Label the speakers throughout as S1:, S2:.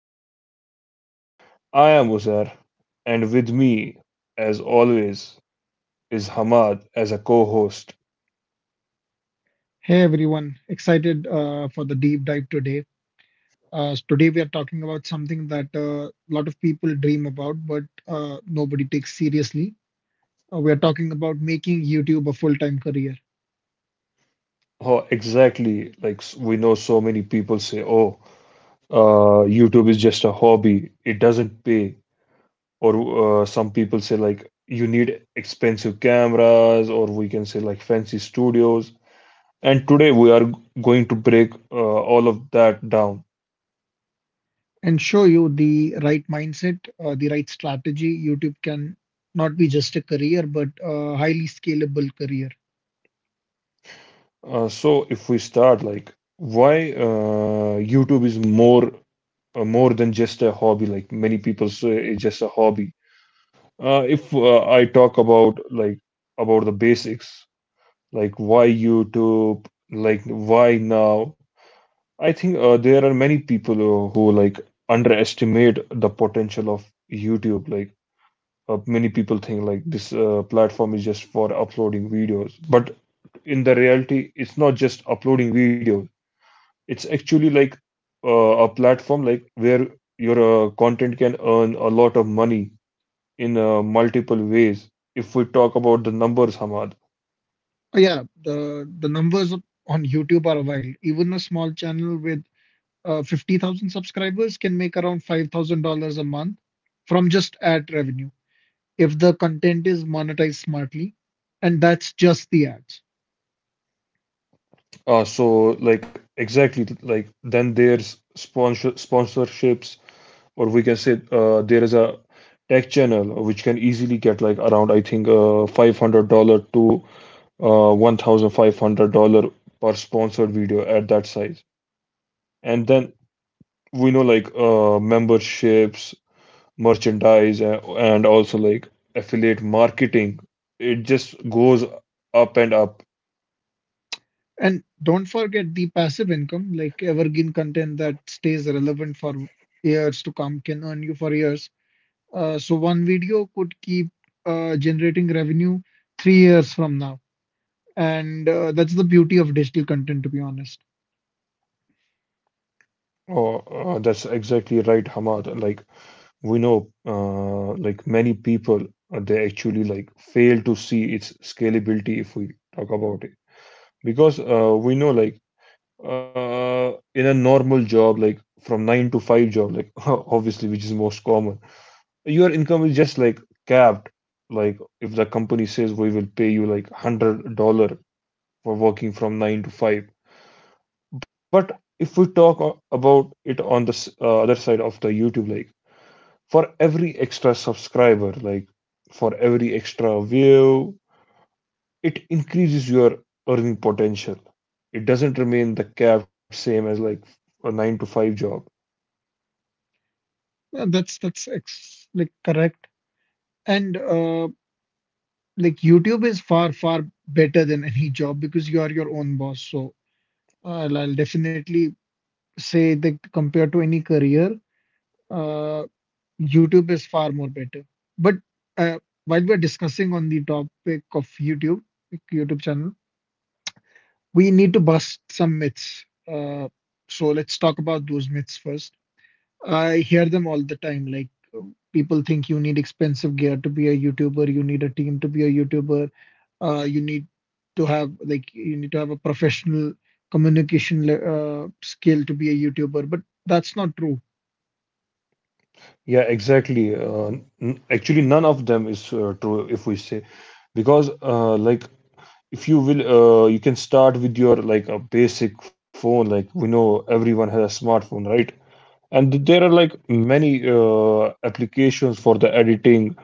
S1: the show. I am Uzair, and with me, as always, is Hamad as a co host.
S2: Hey everyone, excited for the deep dive today. Today we are talking about something that a lot of people dream about, but nobody takes seriously. We are talking about making YouTube a full-time career
S1: Oh, exactly. We know so many people say, YouTube is just a hobby, it doesn't pay. Or some people say, like, you need expensive cameras, or we can say, like, fancy studios. And today going to break all of that down.
S2: and show you the right mindset, the right strategy. YouTube can not be just a career, but a highly scalable career.
S1: So if we start like why YouTube is more than just a hobby, like many people say it's just a hobby. If I talk about about the basics, like why YouTube, like why now, I think there are many people who like underestimate the potential of YouTube. Like many people think like this platform is just for uploading videos, but in the reality, it's not just uploading videos. It's actually like a platform like where your content can earn a lot of money in multiple ways if we talk about the numbers, Hamad.
S2: Oh, yeah, the numbers on YouTube are wild. Even a small channel with 50,000 subscribers can make around $5,000 a month from just ad revenue if the content is monetized smartly. And that's just the ads.
S1: Uh, so like exactly like then there's sponsorships, or we can say there is a tech channel which can easily get like around, I think, $500 to $1500 per sponsored video at that size. And then we know like memberships, merchandise, and also like affiliate marketing. It just goes up and up.
S2: And don't forget the passive income, like evergreen content that stays relevant for years to come can earn you for years. So one video could keep generating revenue 3 years from now. And that's the beauty of digital content, to be honest.
S1: Oh, that's exactly right, Hamad. Like we know, like many people, they actually like fail to see its scalability if we talk about it, because we know like in a normal job, like from 9 to 5 job, like obviously, which is most common, your income is just like capped. Like if the company says we will pay you like $100 for working from 9 to 5. But if we talk o- about it on other side of the YouTube, like for every extra subscriber, like for every extra view, it increases your earning potential. It doesn't remain the capped same as like a 9 to 5 job.
S2: That's ex like correct. And like YouTube is far, far better than any job because you are your own boss. So I'll definitely say that compared to any career, uh, YouTube is far more better. But uh, while we're discussing on the topic of YouTube, like YouTube channel, we need to bust some myths. So let's talk about those myths first. I hear them all the time. Like people think you need expensive gear to be a YouTuber, you need a team to be a YouTuber, you need to have a professional communication skill to be a YouTuber, but that's not true.
S1: Yeah, exactly. Actually, none of them is true if we say, because like if you will, you can start with your like a basic phone. Like we know everyone has a smartphone, right? And there are like many applications for the editing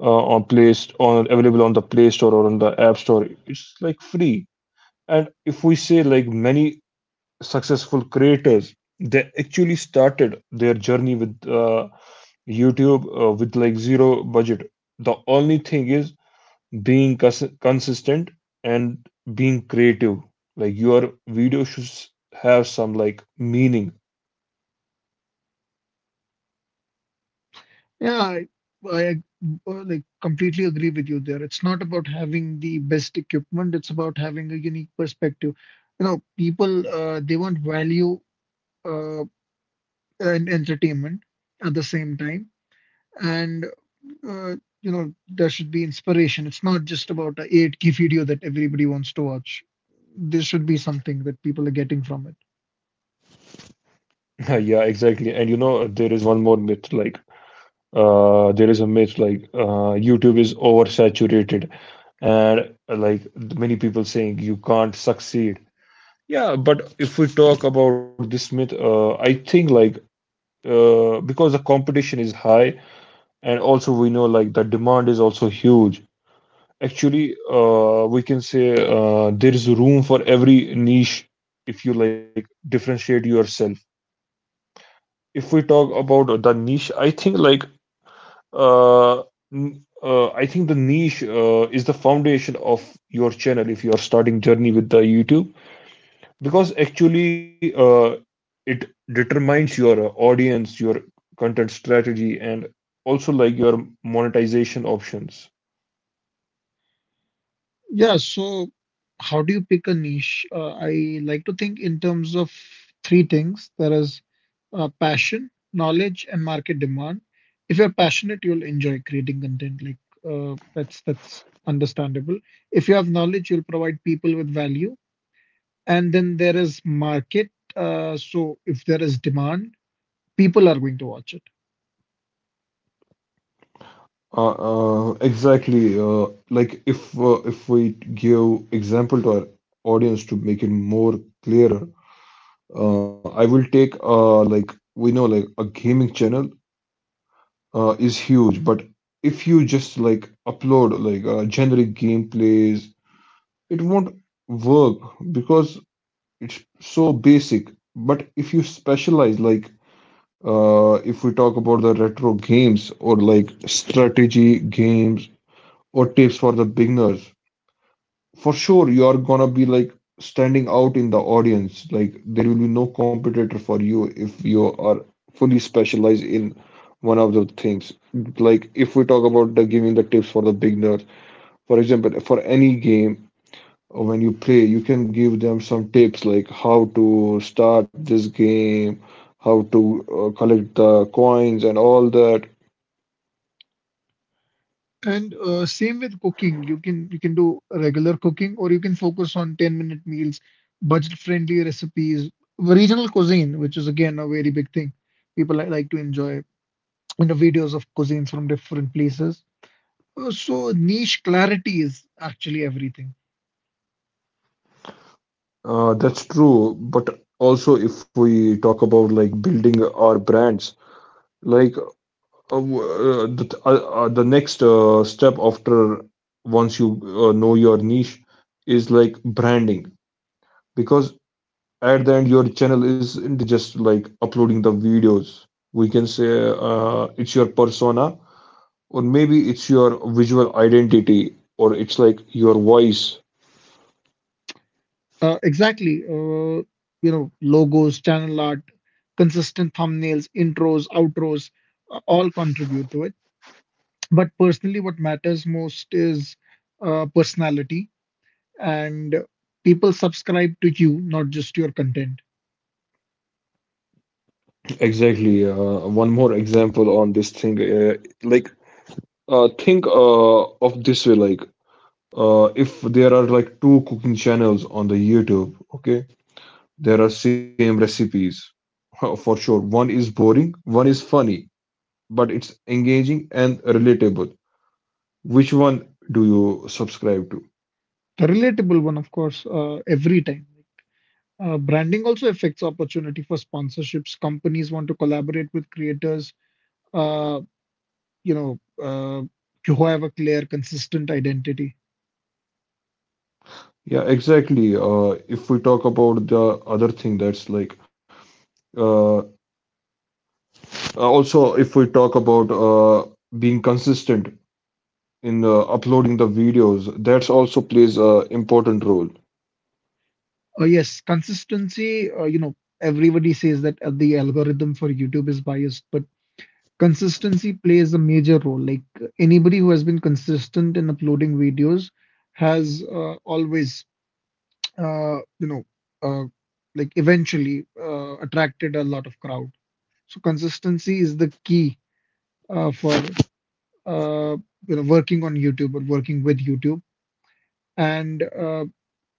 S1: uh, on Play St- on available on the Play Store or on the App Store. It's like free. And if we say like many successful creators, they actually started their journey with YouTube with like zero budget. The only thing is being consistent and being creative. Like your video should have some like meaning.
S2: Yeah, I like completely agree with you there. It's not about having the best equipment, it's about having a unique perspective. You know, people they want value uh, and entertainment at the same time, and uh, you know, there should be inspiration. It's not just about a 8 key video that everybody wants to watch. There should be something that people are getting from it.
S1: Yeah, exactly. And you know, there is one more myth like there is a myth like YouTube is oversaturated and like many people saying you can't succeed. Yeah, but if we talk about this myth, I think like because the competition is high, and also we know like the demand is also huge. Actually, we can say there is room for every niche if you like differentiate yourself. If we talk about the niche, I think like uh, I think the niche is the foundation of your channel if you are starting journey with the YouTube, because actually it determines your audience, your content strategy, and also like your monetization options.
S2: Yeah, so how do you pick a niche? I like to think in terms of three things. There is passion, knowledge, and market demand. If you're passionate, you'll enjoy creating content, like that's understandable. If you have knowledge, you'll provide people with value. And then there is market. So if there is demand, people are going to watch it.
S1: Exactly. Like, if we give example to our audience to make it more clearer, I will take like we know like a gaming channel is huge, but if you just like upload like generic gameplays, it won't work because it's so basic. But if you specialize like if we talk about the retro games, or like strategy games, or tips for the beginners, for sure you are gonna be like standing out in the audience. Like there will be no competitor for you if you are fully specialized in one of the things. Like if we talk about the giving the tips for the beginners, for example, for any game, when you play, you can give them some tips like how to start this game, how to collect the coins and all that.
S2: And same with cooking. You can do regular cooking, or you can focus on 10-minute meals, budget friendly recipes, regional cuisine, which is again a very big thing. People like to enjoy, you know, videos of cuisines from different places. So niche clarity is actually everything.
S1: That's true, but also if we talk about like building our brands. Like, the next step after once you know your niche is like branding, because at the end your channel isn't just like uploading the videos. We can say it's your persona, or maybe it's your visual identity, or it's like your voice.
S2: Exactly. You know, logos, channel art, consistent thumbnails, intros, outros, all contribute to it. But personally, what matters most is personality, and people subscribe to you, not just your content.
S1: Exactly. One more example on this thing. Like, think of this way. Like if there are like two cooking channels on the YouTube, okay, there are same recipes for sure. One is boring, one is funny, but it's engaging and relatable. Which one do you subscribe to?
S2: The relatable one, of course, every time. Branding also affects opportunity for sponsorships. Companies want to collaborate with creators, uh, you know, uh, who have a clear, consistent identity.
S1: Yeah, exactly. If we talk about the other thing, that's like uh, uh, also if we talk about being consistent in uploading the videos, that's also plays a important role.
S2: Yes, consistency, everybody says that the algorithm for YouTube is biased, but consistency plays a major role. Like anybody who has been consistent in uploading videos has uh, you know, uh, like eventually attracted a lot of crowd. So consistency is the key for uh, working on YouTube or working with YouTube. And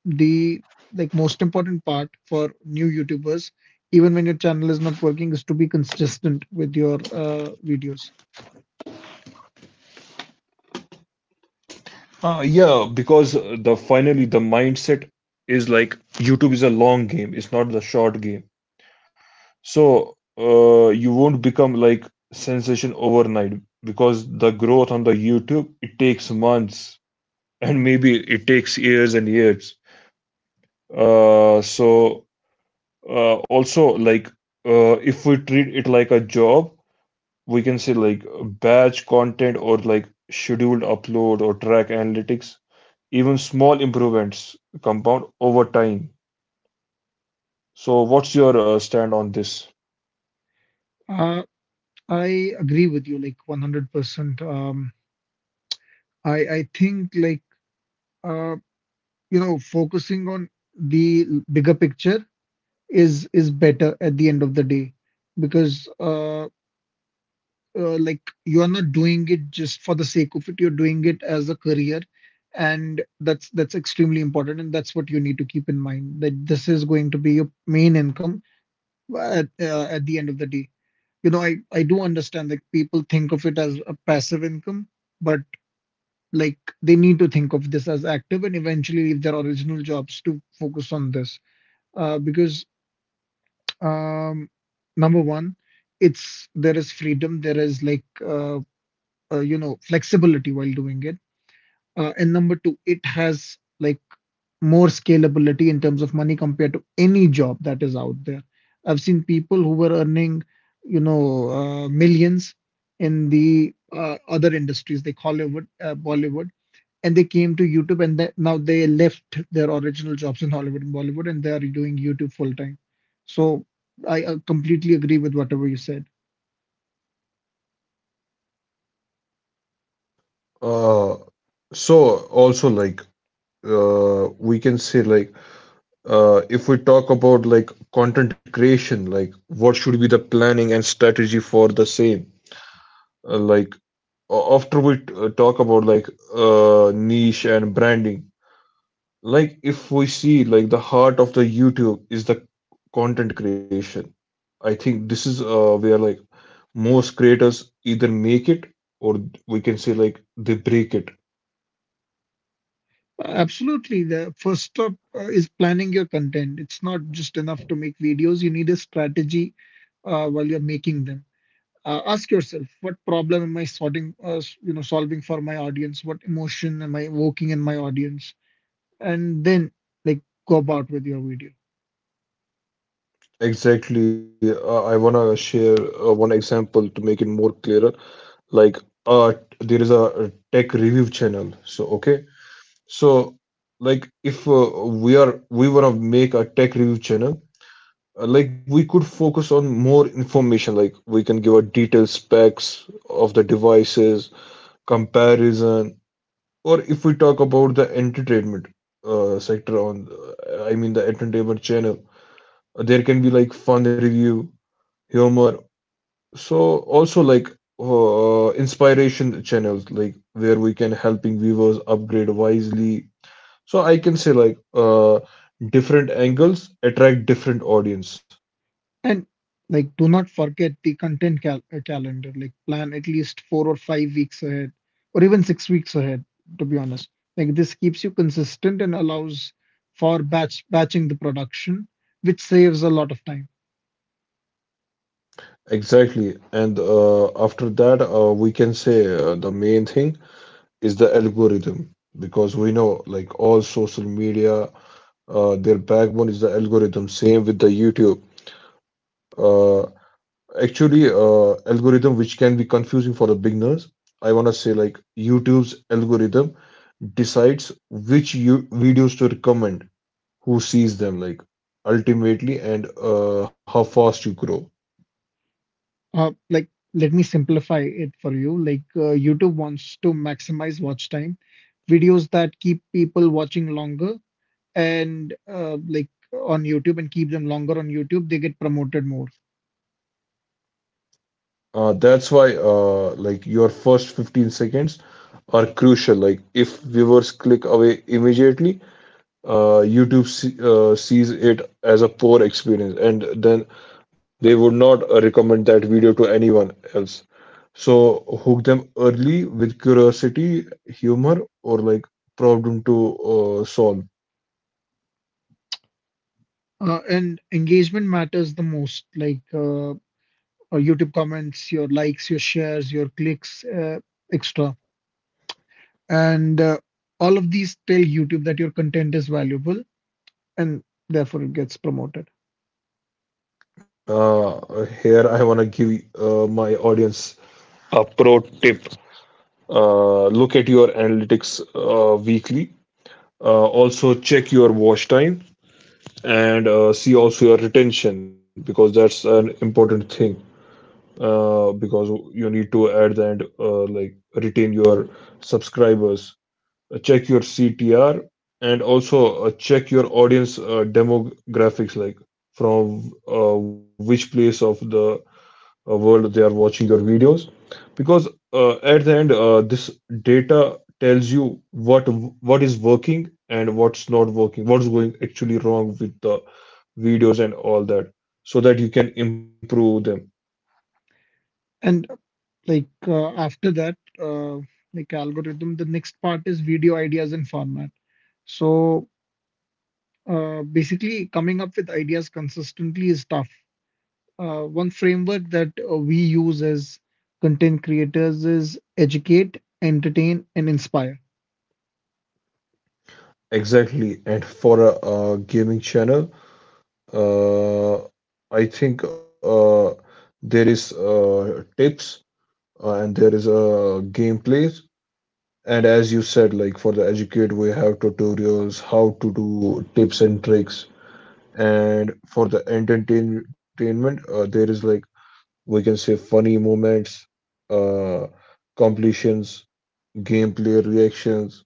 S2: the like most important part for new YouTubers, even when your channel is not working, is to be consistent with your videos.
S1: Yeah, because the finally the mindset is like YouTube is a long game, it's not the short game. So you won't become like sensation overnight because the growth on the YouTube it takes months, and maybe it takes years and years. Uh, so Also, like if we treat it like a job, we can say like batch content, or like scheduled upload, or track analytics. Even small improvements compound over time. So, what's your stand on this?
S2: Uh, I agree with you like 100%. I think like uh, you know, focusing on the bigger picture is better at the end of the day, because like you're not doing it just for the sake of it, you're doing it as a career. And that's extremely important, and that's what you need to keep in mind, that this is going to be your main income at the end of the day. You know, I do understand that people think of it as a passive income, but like they need to think of this as active and eventually leave their original jobs to focus on this, because um number one, it's, there is freedom, there is like you know, flexibility while doing it. And number two, it has like more scalability in terms of money compared to any job that is out there. I've seen people who were earning, you know, millions in the other industries, like Hollywood, Bollywood, and they came to YouTube, and now they left their original jobs in Hollywood and Bollywood, and they are doing YouTube full time. So I completely agree with whatever you said.
S1: Uh, so also like we can say like if we talk about like content creation, like what should be the planning and strategy for the same? Like, after we talk about like niche and branding, like if we see like the heart of the YouTube is the content creation. I think this is where like most creators either make it, or we can say like they break it.
S2: Absolutely. The first step is planning your content. It's not just enough to make videos. You need a strategy while you're making them. Ask yourself, what problem am I sorting, s- you know, solving for my audience? What emotion am I evoking in my audience? And then, like, go about with your video.
S1: Exactly. I want to share one example to make it more clearer. Like uh there is a tech review channel, so okay, so like if we want to make a tech review channel. Like we could focus on more information. Like we can give a detailed specs of the devices, comparison. Or if we talk about the entertainment sector on, I mean the entertainment channel, there can be like fun review, humor. So also like inspiration channels like where we can helping viewers upgrade wisely. So I can say like different angles attract different audience.
S2: And like, do not forget the content calendar. Like, plan at least 4 or 5 weeks ahead, or even 6 weeks ahead, to be honest. Like, this keeps you consistent and allows for batching the production, which saves a lot of time.
S1: Exactly. And after that, we can say the main thing is the algorithm, because we know like all social media, their backbone is the algorithm. Same with the YouTube. Uh, actually, algorithm which can be confusing for the beginners. I want to say like YouTube's algorithm decides which you videos to recommend, who sees them like ultimately, and how fast you grow.
S2: Like, let me simplify it for you. Like, YouTube wants to maximize watch time, videos that keep people watching longer, and like on YouTube and keep them longer on YouTube, they get promoted more.
S1: That's why, like your first 15 seconds are crucial. Like if viewers click away immediately, YouTube sees it as a poor experience, and then they would not recommend that video to anyone else. So hook them early with curiosity, humor, or like problem to solve.
S2: And engagement matters the most, like YouTube comments, your likes, your shares, your clicks, extra. And all of these tell YouTube that your content is valuable, and therefore it gets promoted.
S1: Here I wanna give my audience a pro tip. Look at your analytics weekly. Also check your watch time, and see also your retention, because that's an important thing. Because you need to at the end like retain your subscribers. Check your ctr, and also check your audience demographics, like from which place of the world they are watching your videos, because at the end this data tells you what is working and what's not working, what's going actually wrong with the videos and all that, so that you can improve them.
S2: And like uh, after that, uh, like algorithm, the next part is video ideas and format. So basically, coming up with ideas consistently is tough. One framework that we use as content creators is educate, entertain, and inspire.
S1: Exactly. And for a, gaming channel, uh, I think there is tips, and there is gameplays. And as you said, like for the educate, we have tutorials, how to do tips and tricks. And for the entertainment, there is like we can say funny moments, uh, completions, gameplay reactions,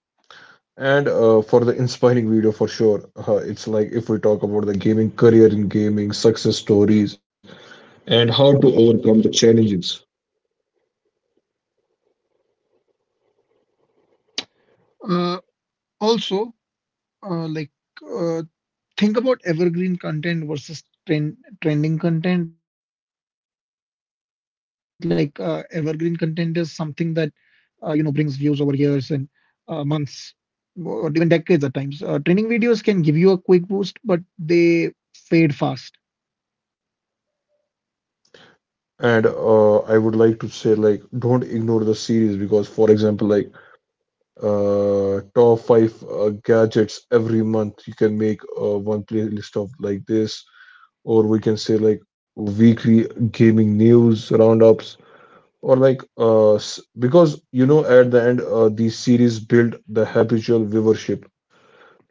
S1: and for the inspiring video, for sure. It's like if we talk about the gaming career in gaming, success stories, and how to overcome the challenges.
S2: Uh, also, like uh, think about evergreen content versus trending content. Like evergreen content is something that you know, brings views over years and months, or even decades at times. Trending videos can give you a quick boost, but they fade fast.
S1: And I would like to say like don't ignore the series, because for example like top 5 gadgets every month. You can make one playlist of like this, or we can say like weekly gaming news roundups, or like because at the end these series build the habitual viewership.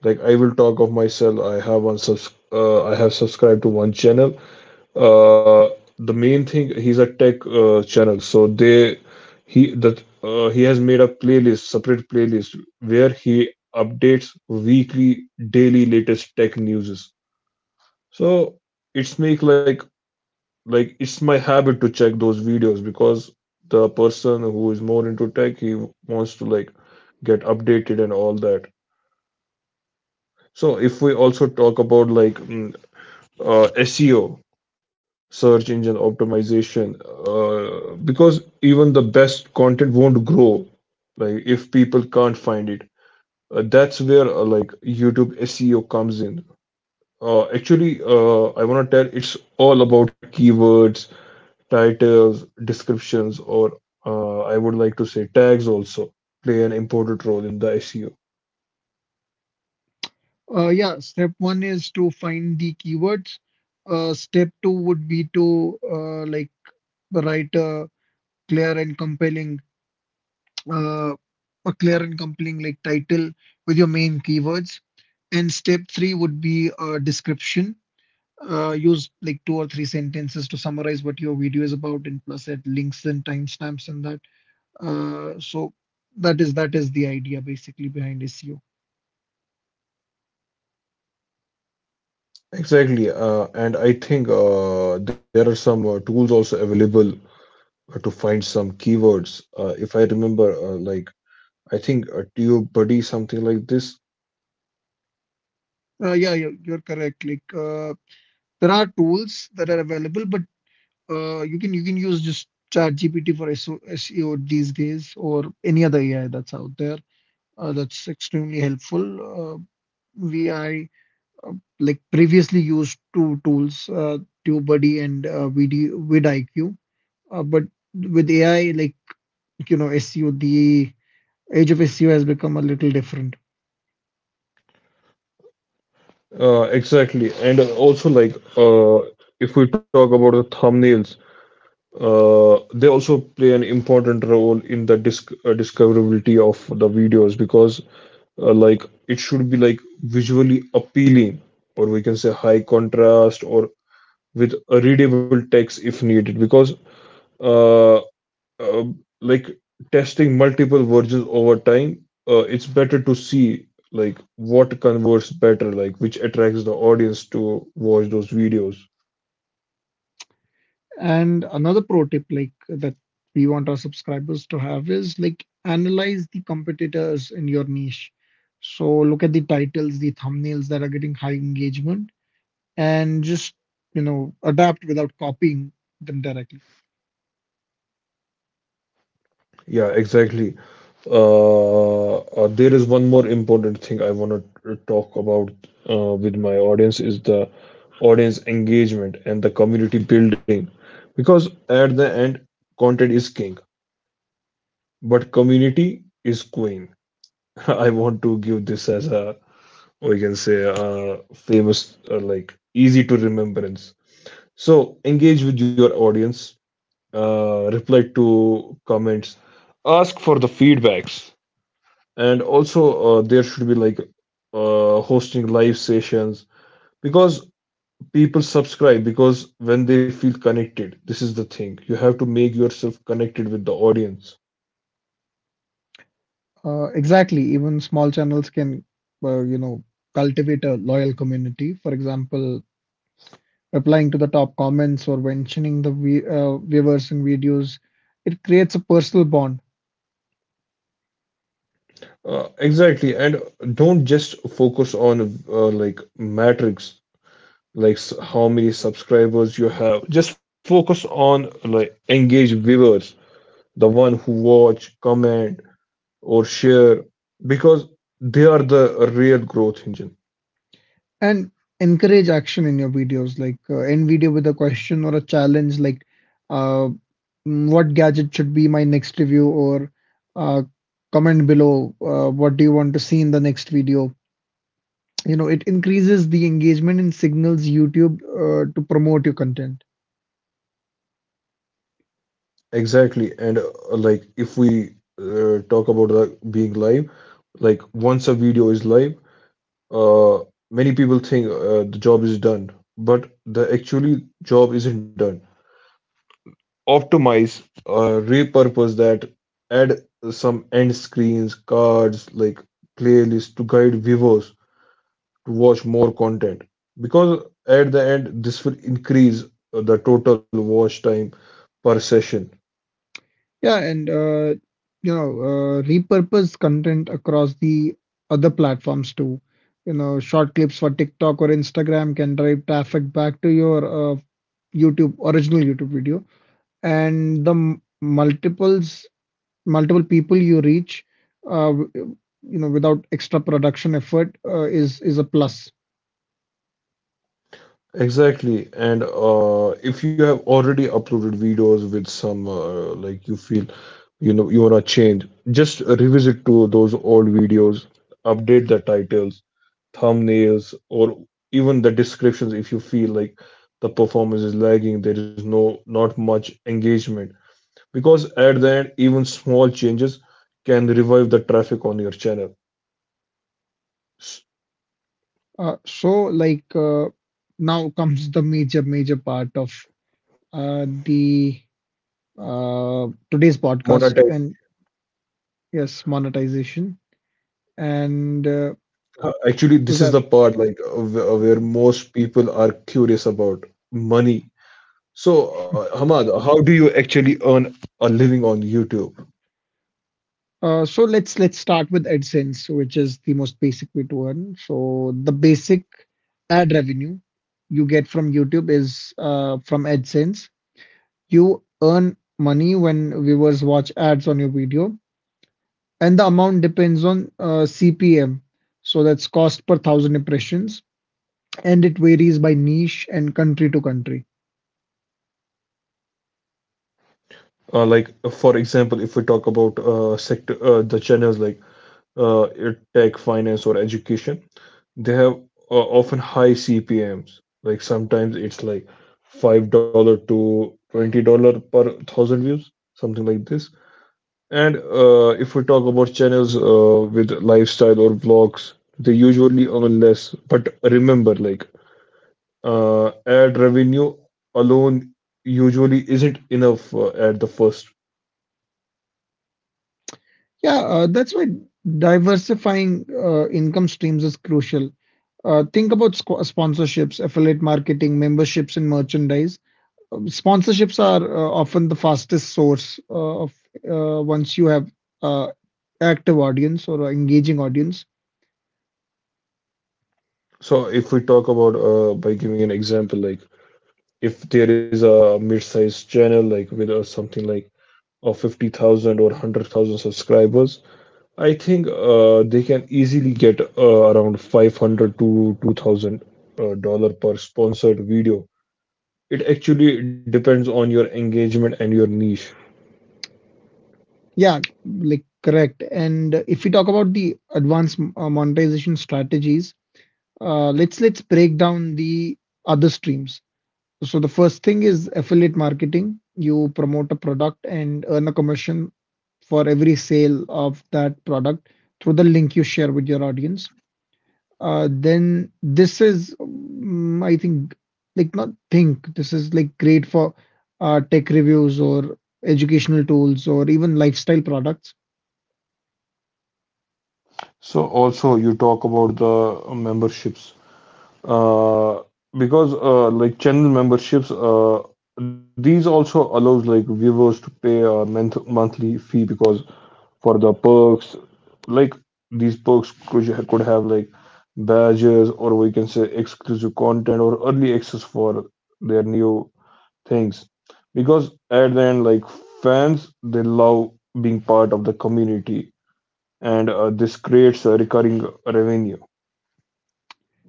S1: Like I will talk of myself. I have subscribed to one channel, uh, the main thing, he's a tech channel, so they he that he has made a playlist separate playlist where he updates weekly, daily latest tech news. So it's make like it's my habit to check those videos, because the person who is more into tech, he wants to like get updated and all that. So if we also talk about like SEO, search engine optimization, because even the best content won't grow like if people can't find it. That's where, like YouTube SEO comes in. Actually, I want to tell, it's all about keywords, titles, descriptions, or I would like to say tags also play an important role in the SEO.
S2: Yeah, step one is to find the keywords. Step two would be to like write a clear and compelling uh, a clear and compelling like title with your main keywords. And step three would be a description. Use like two or three sentences to summarize what your video is about, and plus add links and timestamps and that. So that is the idea basically behind SEO.
S1: Exactly. And I think there are some tools also available to find some keywords. If I remember, like I think TubeBuddy, something like this.
S2: Yeah, you're correct. Like there are tools that are available, but you can use just ChatGPT for SEO these days, or any other AI that's out there. That's extremely helpful. Uh, we I uh, like previously used two tools, TubeBuddy and vidIQ, but with AI, like you know, SEO, the age of SEO has become a little different.
S1: Exactly, and also, if we talk about the thumbnails, they also play an important role in the discoverability of the videos, because like it should be like visually appealing, or we can say high contrast, or with a readable text if needed. Because. Uh, uh, like testing multiple versions over time, it's better to see like what converts better, like which attracts the audience to watch those videos.
S2: And another pro tip, like that we want our subscribers to have, is like analyze the competitors in your niche. So look at the titles, the thumbnails that are getting high engagement, and just, you know, adapt without copying them directly.
S1: Yeah, exactly. There is one more important thing I want to talk about with my audience, is the audience engagement and the community building, because at the end, content is king but community is queen. I want to give this as a, we can say, famous or like easy to remembrance. So engage with your audience, reply to comments, ask for the feedbacks, and also there should be like hosting live sessions, because people subscribe because when they feel connected. This is the thing, you have to make yourself connected with the audience.
S2: Exactly. Even small channels can, you know, cultivate a loyal community. For example, replying to the top comments or mentioning the viewers in videos, it creates a personal bond.
S1: Exactly, and don't just focus on like matrix, like how many subscribers you have. Just focus on like engage viewers, the one who watch, comment, or share, because they are the real growth engine.
S2: And encourage action in your videos, like end video with a question or a challenge, like uh, what gadget should be my next review, or uh, comment below, what do you want to see in the next video. You know, it increases the engagement and signals YouTube to promote your content.
S1: Exactly. And like if we talk about the being live, like once a video is live, uh many people think the job is done, but the actually job isn't done. Optimize, repurpose that, add some end screens, cards, like playlists to guide viewers to watch more content. Because at the end, this will increase the total watch time per session.
S2: Yeah, and repurpose content across the other platforms too. You know, short clips for TikTok or Instagram can drive traffic back to your uh, YouTube original YouTube video, and the multiple people you reach, uh, w- you know, without extra production effort is a plus.
S1: Exactly. And if you have already uploaded videos with some, like you feel you know you wanna change, just revisit to those old videos, update the titles, thumbnails, or even the descriptions if you feel like the performance is lagging, there is no, not much engagement. Because at the end, even small changes can revive the traffic on your channel. S-
S2: Uh, so like uh, Now comes the major part of the today's podcast,
S1: Monetize.
S2: and yes, monetization. And
S1: Actually,
S2: was
S1: this is
S2: that?
S1: the part like, where most people are curious about money. So Hamad, how do you actually earn a living on YouTube?
S2: So let's start with AdSense, which is the most basic way to earn. So the basic ad revenue you get from YouTube is from AdSense. You earn money when viewers watch ads on your video, and the amount depends on CPM. So that's cost per thousand impressions, and it varies by niche and country to country.
S1: Like, for example, if we talk about sector, the channels like uh, tech, finance, or education, they have often high CPMs. Like sometimes it's like $5 to $20 per thousand views, something like this. And if we talk about channels with lifestyle or vlogs, they usually earn less. But remember, like ad revenue alone usually isn't enough, at the first.
S2: Yeah, that's why diversifying income streams is crucial. Think about sponsorships, affiliate marketing, memberships, and merchandise. Sponsorships are often the fastest source of once you have uh, active audience or a engaging audience.
S1: So if we talk about, by giving an example, like if there is a mid-sized channel like with something like 50,000 or 100,000 subscribers, I think they can easily get around 500 to 2,000 dollar per sponsored video. It actually depends on your engagement and your niche.
S2: Yeah, like correct. And if we talk about the advanced monetization strategies, let's break down the other streams. So the first thing is affiliate marketing. You promote a product and earn a commission for every sale of that product through the link you share with your audience. Then this is, mm, I think, like not think, this is like great for tech reviews or educational tools or even lifestyle products.
S1: So also you talk about the memberships. uh, because like channel memberships, these also allows like viewers to pay a monthly fee, because for the perks. Like these perks could have like badges, or we can say exclusive content or early access for their new things, because at the end, like fans, they love being part of the community, and this creates a recurring revenue.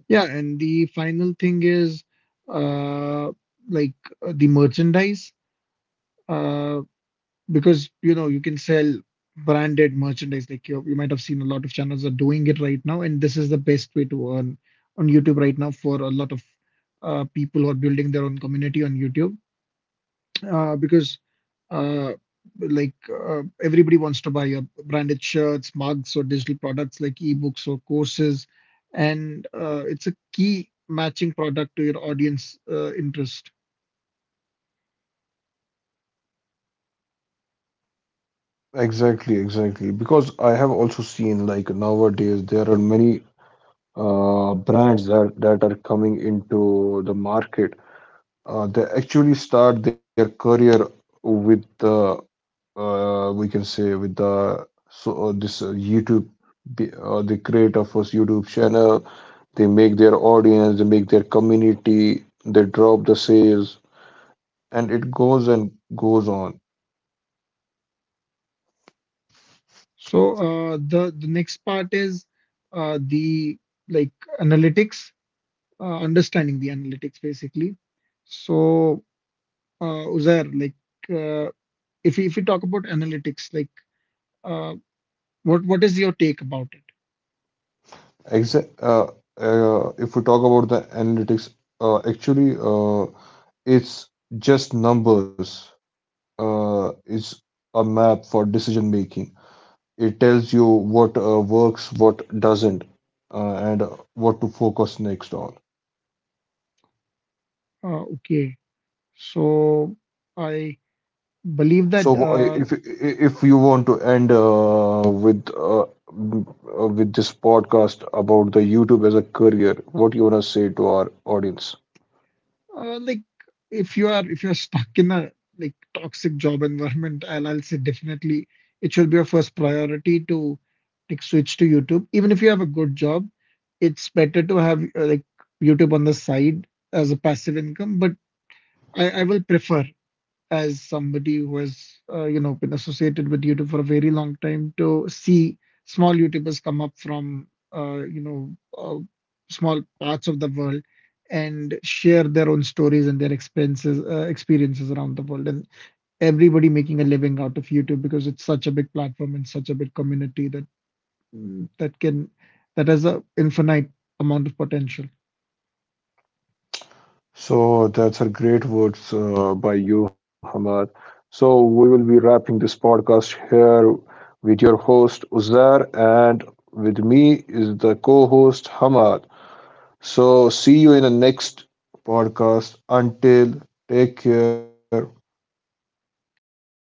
S2: Yeah, and the final thing is uh, like the merchandise. Uh, because you know, you can sell branded merchandise, like you might have seen a lot of channels are doing it right now, and this is the best way to earn on YouTube right now for a lot of people who are building their own community on YouTube, because uh, like everybody wants to buy your branded shirts, mugs, or digital products like ebooks or courses. And it's a key matching product to your audience interest.
S1: Exactly, exactly. Because I have also seen, like nowadays there are many brands that are coming into the market. They actually start their career with the, we can say with the, so this YouTube. They create a first YouTube channel. They make their audience, they make their community, they drop the sales, and it goes and goes on.
S2: So the next part is the like analytics, understanding the analytics basically. So Uzair, like uh, if we talk about analytics, like uh, what is your take about it?
S1: Exa- uh, if we talk about the analytics, actually, uh, it's just numbers. It's a map for decision making. It tells you what works, what doesn't, and what to focus next on.
S2: Okay, so I believe that.
S1: So, if you want to end m- with this podcast about the YouTube as a career, what you wanna say to our audience?
S2: Like if you are, if you're stuck in a like toxic job environment, I'll say definitely it should be your first priority to like switch to YouTube. Even if you have a good job, it's better to have like YouTube on the side as a passive income. But I will prefer, as somebody who has you know, been associated with YouTube for a very long time, to see small YouTubers come up from uh, you know uh, small parts of the world, and share their own stories and their experiences around the world, and everybody making a living out of YouTube, because it's such a big platform and such a big community that mm, that can that has a infinite amount of potential.
S1: So that's a great words by you, Hamad. So we will be wrapping this podcast here with your host Uzair, and with me is the co-host Hamad. So see you in the next podcast. Until, take care.
S2: Yeah, good.